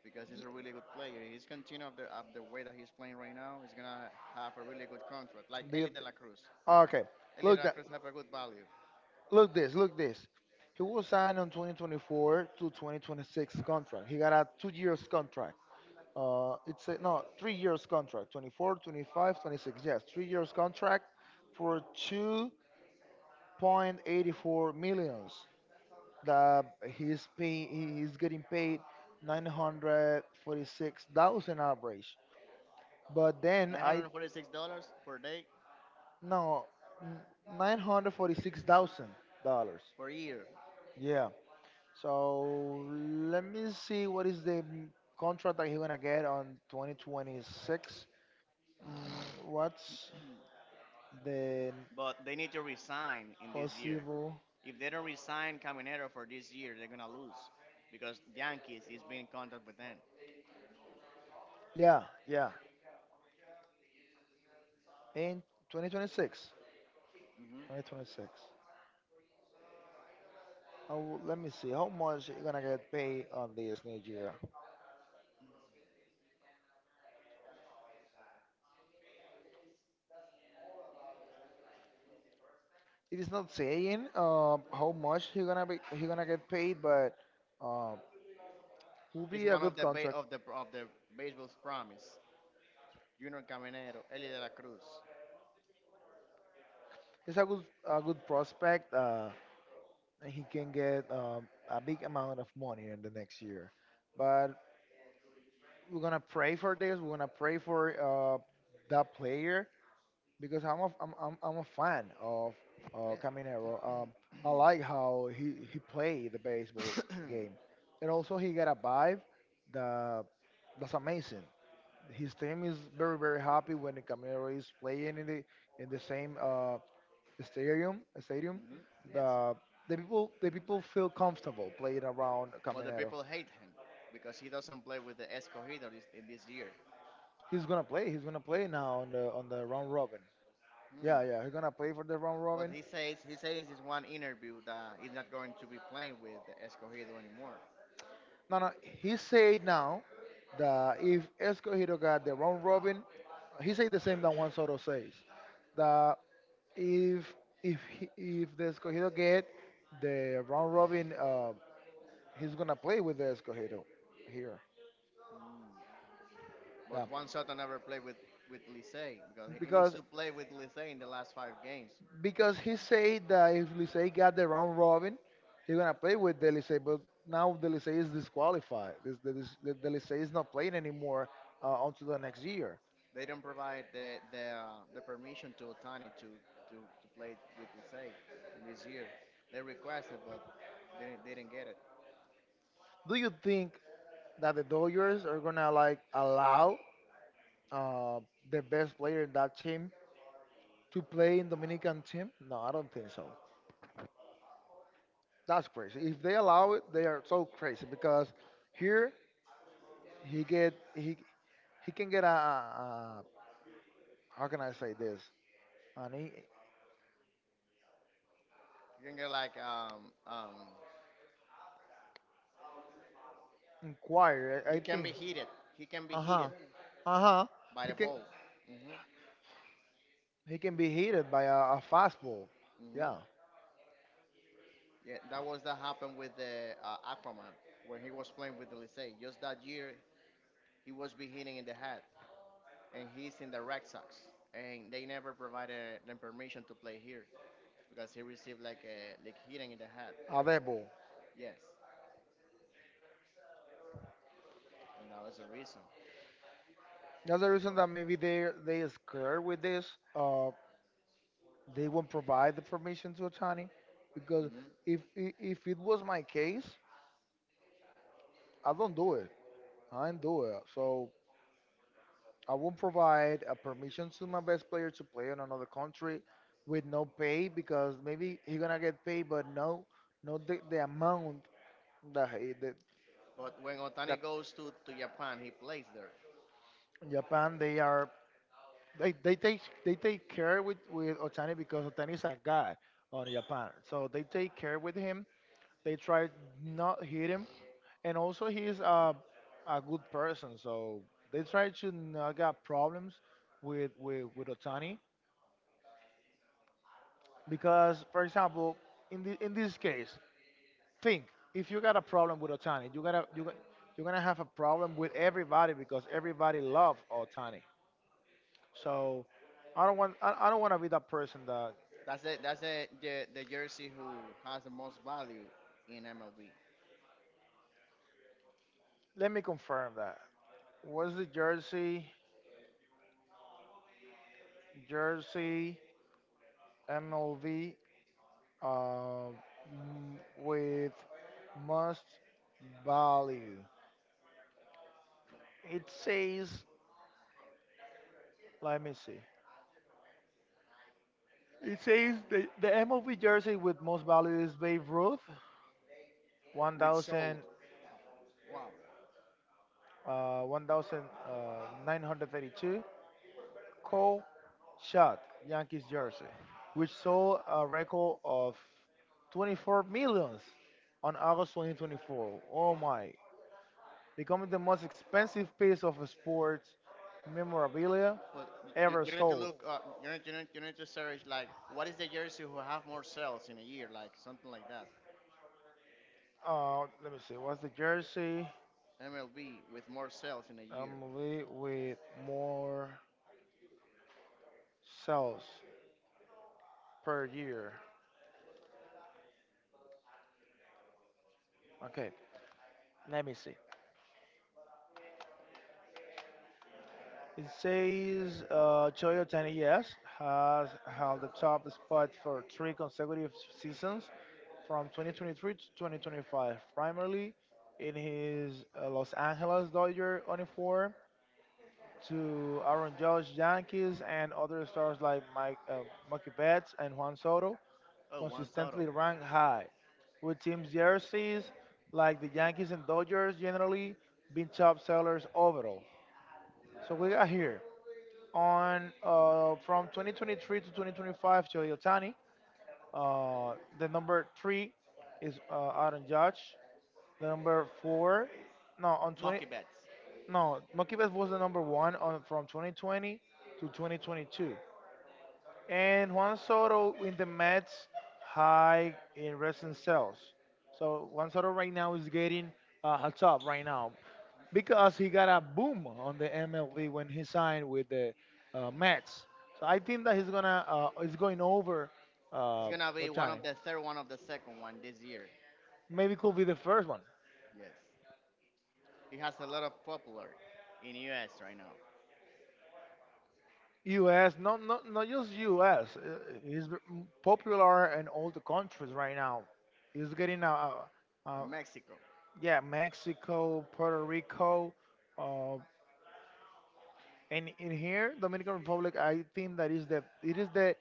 A: because he's a really good player. He's continuing up the up the way that he's playing right now. He's gonna have a really good contract, like
B: do you
A: Eli De
B: thi-
A: La Cruz.
B: okay,
A: Eli
B: look,
A: De La Cruz have a good value,
B: Look this. Look this. He was signed on twenty twenty-four to twenty twenty-six contract. He got a two years contract. Uh, it's a, no three years contract. twenty-four, twenty-five, twenty-six. Yes, three years contract for two point eight four millions. That he's pay, he's getting paid nine hundred forty-six thousand average. But then
A: nine
B: I,
A: hundred forty-six dollars per day
B: no, nine hundred forty-six thousand dollars.
A: per year.
B: Yeah. So let me see what is the m- contract that he gonna get on twenty twenty-six. Mm, what's the
A: But they need to resign in this year.
B: possible?
A: If they don't resign Caminero for this year, they're gonna lose because Yankees is being in contact with them.
B: Yeah, yeah. In twenty twenty-six,
A: Hmm.
B: twenty twenty-six. Oh, let me see how much he gonna get paid on this new year. It is not saying, uh, how much he gonna be he gonna get paid, but uh, will
A: It's
B: be a
A: one of
B: good
A: the ba-
B: contract.
A: of the of the baseball's promise. Junior Caminero, Eli de la Cruz.
B: He's a good a good prospect. Uh, and he can get, um, a big amount of money in the next year. But we're gonna pray for this. We're gonna pray for, uh, that player, because I'm a, I'm, I'm, I'm a fan of, uh,
A: Yeah.
B: Caminero. Um, I like how he, he played the baseball
A: Hmm.
B: game, and also he got a vibe that that's amazing. His team is very very happy when the Caminero is playing in the in the same uh, stadium stadium
A: Yes.
B: the the people the people feel comfortable playing around
A: But the
B: Caminero.
A: people hate him because he doesn't play with the Escogido this, in this year.
B: He's gonna play. He's gonna play now on the on the round robin.
A: Hmm.
B: Yeah, yeah. He's gonna play for the round
A: But
B: robin.
A: he says he says in one interview that he's not going to be playing with the Escogido anymore.
B: No, no. He said now that if Escohiro got the round robin, he said the same that Juan Soto says. That if if he, if the Escohiro get the round robin, uh, he's gonna play with the Escohiro here.
A: But
B: Yeah,
A: Juan Soto never played with, with Licey because he he needs
B: because
A: to play with Licey in the last five games.
B: because he said that if Licey got the round robin, he's gonna play with the Licey. But now the Licey is disqualified. This, the, this, the, the Licey is not playing anymore, uh, until the next year.
A: They don't provide the the, uh, the permission to Otani to, to, to play with Licey in this year. They requested, but they didn't, they didn't get it.
B: Do you think that the Dodgers are gonna like allow, uh, the best player in that team to play in Dominican team? No, I don't think so. That's crazy. If they allow it, they are so crazy because here he get he he can get a, a, a how can I say this? An
A: He can get like um, um,
B: Inquire, I
A: he
B: I
A: can
B: think.
A: be heated. He can be
B: Uh huh.
A: heated. Yeah,
B: Uh huh.
A: by
B: He
A: the
B: can
A: ball. Hmm.
B: he can be hit by a, a fastball. Yeah,
A: Hmm. Yeah, that was that happened with the uh, Aquaman when he was playing with the Licey. Just that year, he was be hitting in the head, and he's in the Red Sox. And they never provided them permission to play here because he received like a like hitting in the head.
B: a dead ball.
A: Yes, and that was the reason.
B: That's the reason
A: But
B: that maybe they they are scared with this. Uh, they won't provide the permission to attorney because,
A: mhm,
B: if i- if it was my case, I don't do it. I don't do it. So I won't provide a permission to my best player to play in another country with no pay, because maybe he's gonna get paid, but no, not the, the amount that he, the,
A: but when
B: that
A: Otani goes to, to Japan, he plays there.
B: In Japan, they are they, they take they take care with with Otani, because Otani is a god on Japan, so they take care with him. They try not hit him, and also he's a a good person, so they try to not get problems with with with Otani because, for example, in the in this case, think, if you got a problem with Otani, you gotta you got, you're gonna have a problem with everybody, because everybody love Otani. So I don't want I, I don't want to be that person that.
A: That's the that's the, the the jersey who has the most value in M L B,
B: Let me confirm that. What's the jersey? Jersey M L B, uh, m- with must value. It says. Let me see. It says the the M L B jersey with most value is Babe Ruth,
A: which sold.
B: one thousand,
A: Wow,
B: uh, one thousand nine hundred thirty-two. Cole Shot, Yankees jersey, which sold a record of twenty-four millions on August twenty twenty-four. Oh
A: wow.
B: my. Becoming the most expensive piece of sports memorabilia
A: But you,
B: ever
A: you need to
B: sold.
A: look. Uh, you need you need you need to search like what is the jersey who have more sales in a year, like something like that.
B: Uh, let me see. What's the jersey?
A: M L B with more sales in a year.
B: I'm with more sales per year. Okay, let me see. It says, uh, Choyo Tani. Yes, has held the top spot for three consecutive seasons from twenty twenty-three to twenty twenty-five, primarily in his, uh, Los Angeles Dodger uniform, to Aaron Judge Yankees and other stars like Mike uh, Mookie Betts and Juan Soto,
A: Oh, Juan Soto.
B: consistently ranked high, with teams' jerseys like the Yankees and Dodgers generally being top sellers overall. So we got here on, uh, from two thousand twenty-three to twenty twenty-five, Choyotani. Uh, the number three is, uh, Aaron Judge. The number four, no, on twenty,
A: Monkey bets.
B: no, Makibeth was the number one on from twenty twenty to twenty twenty-two. And Juan Soto in the Mets high in recent sales. So Juan Soto right now is getting, uh, a top right now, because he got a boom on the M L B when he signed with the, uh, Mets. So I think that he's gonna, uh, is going over,
A: He's
B: uh,
A: gonna be one
B: Otani.
A: of the third one of the second one this year.
B: Maybe could be the first one.
A: Yes. He has a lot of popular in U S right now.
B: U S, not not not just U S uh, He's v- m- popular in all the countries right now. He's getting a, uh uh
A: In Mexico.
B: yeah, Mexico, Puerto Rico, uh, and in here Dominican Republic. I think that is the it is the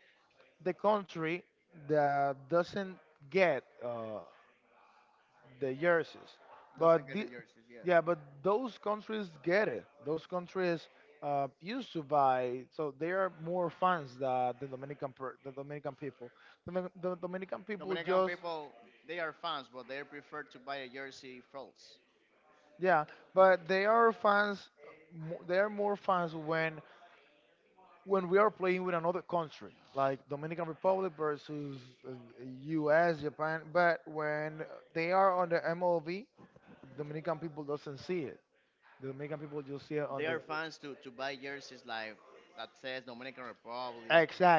B: the country that doesn't get, uh, the jerseys,
A: Doesn't
B: but
A: get the
B: the,
A: jerseys, yes.
B: yeah, but those countries get it. Those countries, uh, used to buy, so they are more fans than the Dominican per, the Dominican people. The, Domin- the Dominican people
A: Dominican
B: just,
A: people, they are fans but they prefer to buy a jersey false.
B: yeah, but they are fans. mo- They are more fans when when we are playing with another country, like Dominican Republic versus, uh, U S, Japan, but when they are on the M L B, Dominican people doesn't see it. The Dominican people just see it on
A: They
B: the
A: are fans to, to buy jerseys like that says Dominican Republic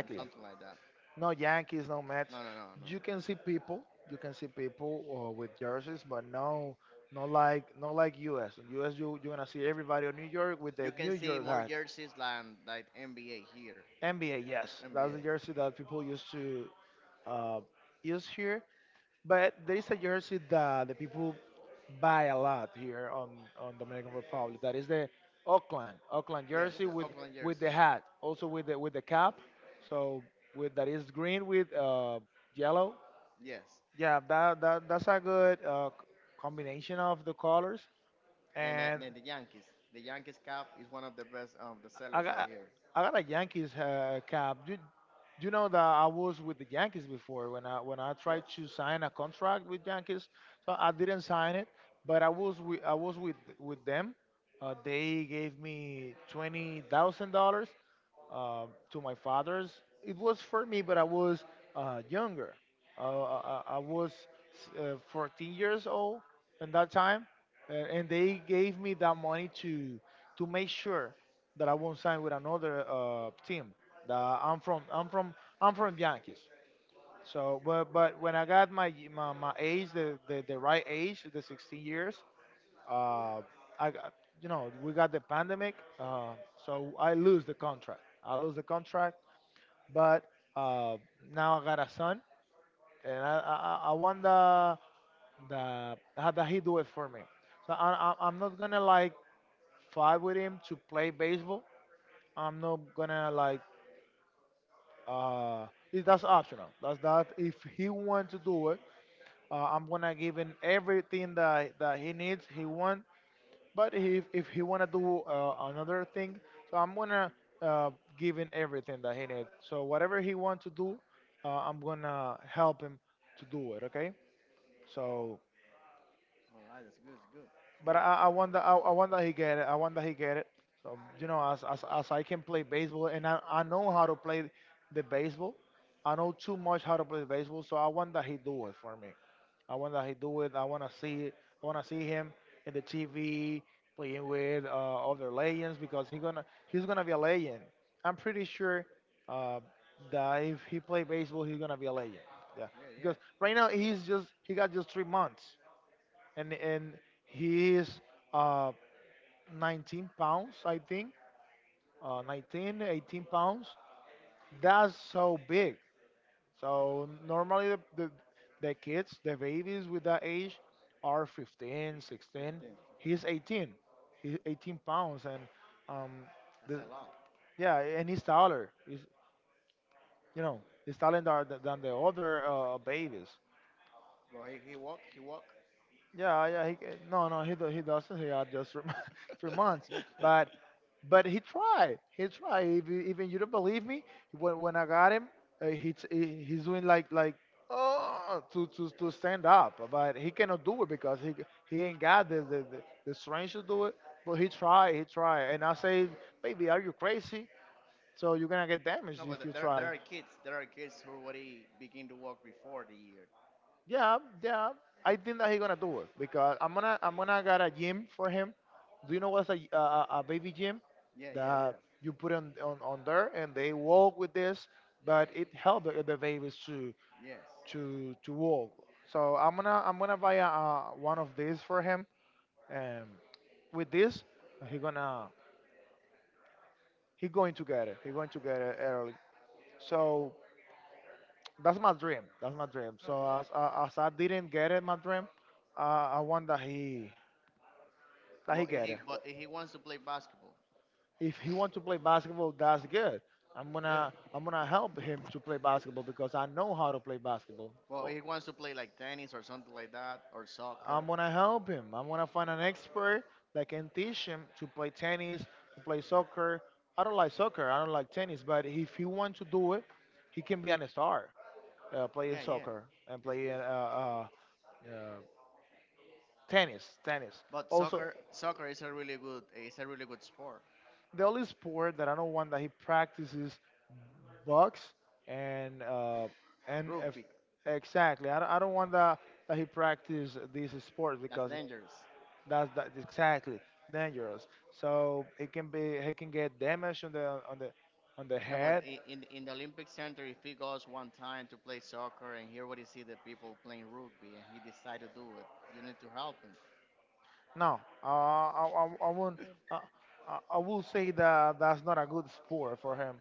A: and something like that.
B: No Yankees, no Mets.
A: No, no, no,
B: You
A: no.
B: can see people. You can see people, uh, with jerseys, but no, not like not like U S. In U S, you you're gonna see everybody in New York with
A: You
B: the
A: can
B: New
A: see
B: York
A: more
B: hat.
A: jerseys than like N B A here.
B: N B A, yes, that's the
A: N B A.
B: jersey that people used to, uh, used here, but there is a jersey that the people buy a lot here on on Dominican Republic. That is the Oakland Oakland
A: Yes,
B: jersey
A: the
B: with
A: Oakland
B: with
A: jersey.
B: the hat, also with the with the cap. So with that is green with, uh, yellow.
A: Yes.
B: Yeah, that, that that's a good, uh, c- combination of the colors.
A: And then,
B: And
A: then the Yankees. The Yankees cap is one of the best um the
B: I
A: sellers right
B: got
A: here.
B: I got a Yankees, uh, cap. You you know that I was with the Yankees before when I when I tried
A: Yes.
B: to sign a contract with Yankees, so I didn't sign it. But I was with I was with with them. Uh, they gave me twenty thousand dollars, uh, to my father's. It was for me, but I was uh, younger. Uh, I, I I was uh, fourteen years old in that time, uh, and they gave me that money to to make sure that I won't sign with another uh, team. That I'm from, I'm from, I'm from Yankees. So, but but when I got my my, my age, the, the the right age, the sixteen years, uh, I, got- you know, we got the pandemic, uh, so I lose the contract. I lose the contract, but uh, now I got a son, and I, I, I I want the, the how that he do it for me. So I, I, I'm not gonna like fight with him to play baseball. I'm not gonna like. Uh, it- that's optional. That's that. If he want to do it, uh, I'm gonna give him everything that that he needs. He wants. But if if he wanna do uh, another thing, so I'm gonna uh, give him everything that he needs. So whatever he wants to do, uh, I'm gonna help him to do it. Okay. So,
A: All right, that's good. It's good. It's
B: but
A: good.
B: I, I want that I, I want that he get it. I want that he get it. So you know, as as, as I can play baseball and I, I know how to play the baseball, I know too much how to play baseball. So I want that he do it for me. I want that he do it. I want to see it. I want to see him in the T V playing with uh, other legends because he gonna he's gonna be a legend. I'm pretty sure uh, that if he play baseball, he's gonna be a legend. Yeah,
A: Yeah,
B: because
A: yeah,
B: right
A: for
B: now
A: sure.
B: he's just he got just three months, and and he is uh, nineteen pounds, I think, uh, nineteen, eighteen pounds. That's so big. So normally the, the, the kids, the babies with that age are fifteen, sixteen.
A: fifteen.
B: He's eighteen. He's eighteen pounds. And um
A: That's
B: the
A: a lot.
B: yeah, and he's taller. He's you know, he's taller than the, than the other uh, babies.
A: Bro, he, he walk, he walk.
B: Yeah, yeah, he, no, no, he do- he doesn't. He had just three, three months, but but he tried. He tried. If you- Even you don't believe me, when, when I got him, uh, he, he he's doing like like oh to, to to stand up, but he cannot do it because he he ain't got the the, the, the strength to do it. But he tried. He tried, and I say, baby, are you crazy? So you're gonna get damaged
A: No,
B: if you
A: but there
B: try.
A: there are kids. There are kids who already begin to walk before the year.
B: Yeah, yeah. I think that he's gonna do it because I'm gonna I'm gonna get a gym for him. Do you know what's a a, a a baby gym?
A: Yeah, yeah,
B: That
A: yeah.
B: you put on, on, on there and they walk with this, but it helped the, the babies to
A: Yes.
B: to to walk. So i'm gonna I'm gonna buy a, uh, one of these for him, and with this he gonna he going to get it. He going to get it early. So that's my dream. That's my dream.
A: Oh
B: So
A: yeah.
B: as, uh, as I didn't get it my dream, uh, I want that he that he
A: But if
B: get
A: he
B: it.
A: but if he wants to play basketball.
B: If he want to play basketball, that's good. i'm
A: Yeah.
B: gonna I'm gonna help him to play basketball because I know how to play basketball.
A: Well, if he wants to play like tennis or something like that or
B: I'm
A: soccer.
B: gonna help him. I'm gonna find an expert that can teach him to play tennis, to play soccer. I don't like soccer. I don't like tennis. But if he wants to do it, he can be an star uh, playing
A: Yeah, yeah.
B: soccer and
A: It's
B: playing
A: good.
B: uh, uh, tennis. Tennis.
A: But
B: Also,
A: soccer, soccer is a really good, is a really good sport.
B: the only sport that I don't want that he practices, box, and uh, and if,
A: Rugby,
B: exactly. I don't, I don't want that that he practice these sports,
A: that's
B: because
A: dangerous.
B: that's that exactly dangerous. So it can be he can get damage on the on the on the
A: Yeah, but
B: head.
A: i- in in the Olympic Center, if he goes one time to play soccer and here what he see the people playing rugby and he decide to do it, you need to help him.
B: No, uh, I I, I won't. Uh, I I will say that that's not a good sport for him.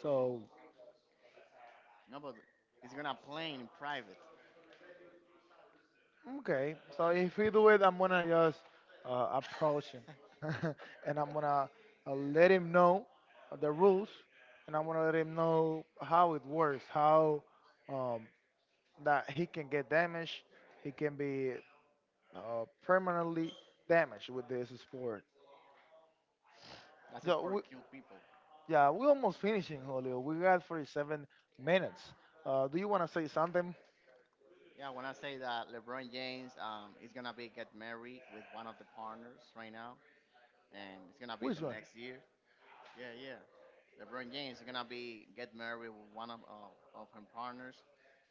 B: So
A: No, but he's gonna play in private.
B: okay, so if he do it, I'm gonna just uh, approach him, and I'm gonna uh, let him know the rules, and I'm gonna let him know how it works, how um, that he can get damaged, he can be uh, permanently damaged with this sport.
A: That's a
B: Yeah,
A: sport
B: we,
A: kill people.
B: yeah, we almost finishing, Julio. We got forty-seven minutes. Uh, do you want to say something?
A: Yeah, when I say that LeBron James um, is gonna be get married with one of the partners right now, and it's gonna be in
B: Which
A: the
B: one?
A: next year. Yeah, yeah. LeBron James is gonna be get married with one of of, of her partners.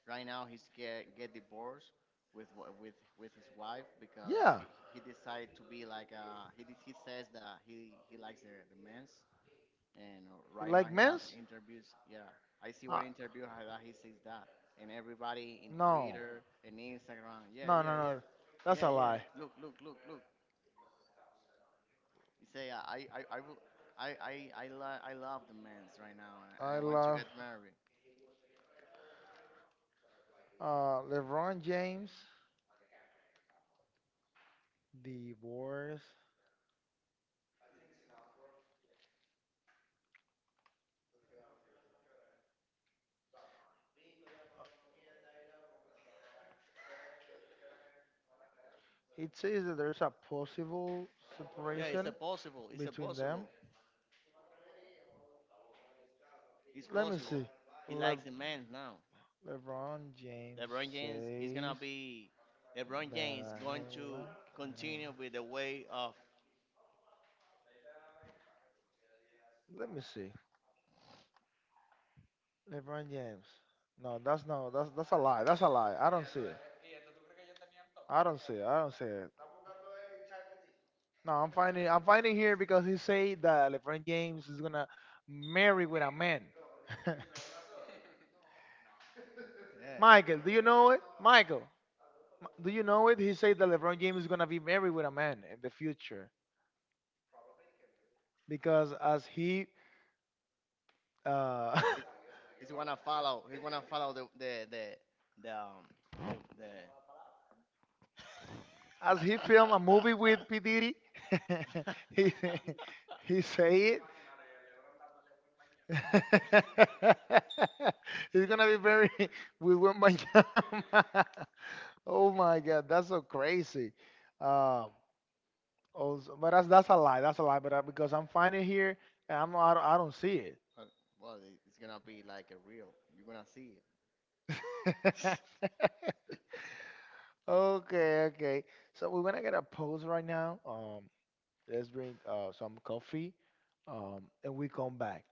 A: Right now, he's get get divorced with wa- with with his wife because
B: Yeah.
A: he he decided to be like uh he de- he says that he he likes the the men's and uh,
B: You
A: right now
B: like
A: he have
B: men's?
A: interviews. Yeah, I see one
B: Uh,
A: interview how that he says that, and everybody in
B: no.
A: Twitter and Instagram. Yeah,
B: No,
A: yeah,
B: no,
A: yeah,
B: no. That's
A: yeah,
B: a
A: yeah.
B: lie.
A: Look, look, look, look. You say uh, I I I will. I I I, lo- I love the man's right now, and
B: I
A: I want to
B: love
A: get married.
B: uh, LeBron James divorce. It says that there's a possible
A: Yeah, it's a
B: separation
A: possible. It's a
B: between them.
A: possible. It's
B: Let me
A: possible.
B: see.
A: He
B: Le-
A: likes the man's now.
B: LeBron James
A: LeBron James is gonna
B: says
A: be. LeBron James
B: that
A: going
B: he
A: to
B: like men.
A: continue with the way of.
B: Let me see. LeBron James. No, that's no. That's that's a lie. That's a lie. I don't see it. I don't see it. I don't see it. No, I'm finding. I'm finding here because he say that LeBron James is gonna marry with a man.
A: Yeah.
B: Michael, do you know it? Michael, m- do you know it? He said that LeBron James is gonna be married with a man in the future because as he uh,
A: It's, he's gonna follow. He's gonna follow the the the the um, the, the
B: as he filmed a movie with P. Diddy, he, he said it. He's gonna be very with Wet my Wanyama. Oh my God, that's so crazy. Um, oh, so- but that's that's a lie. That's a lie. But I, because I'm finding here, and I'm not, I don't, I don't see it.
A: Well, well, it- it's gonna be like a real. You're gonna see it.
B: Okay, okay. So we're gonna get a pose right now. Um, Let's drink uh, some coffee um, and we come back.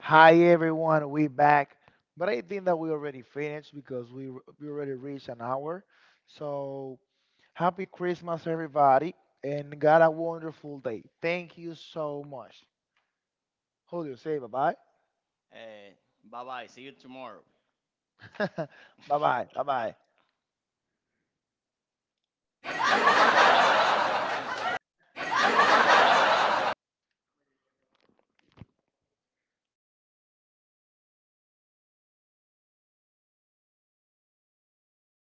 B: Hi, everyone. We back. But I think that we already finished because we, r- we already reached an hour. So happy Christmas, everybody. And got a wonderful day. Thank you so much. Julio, say bye-bye.
A: Uh, Bye bye. See you tomorrow.
B: Bye-bye. Bye-bye.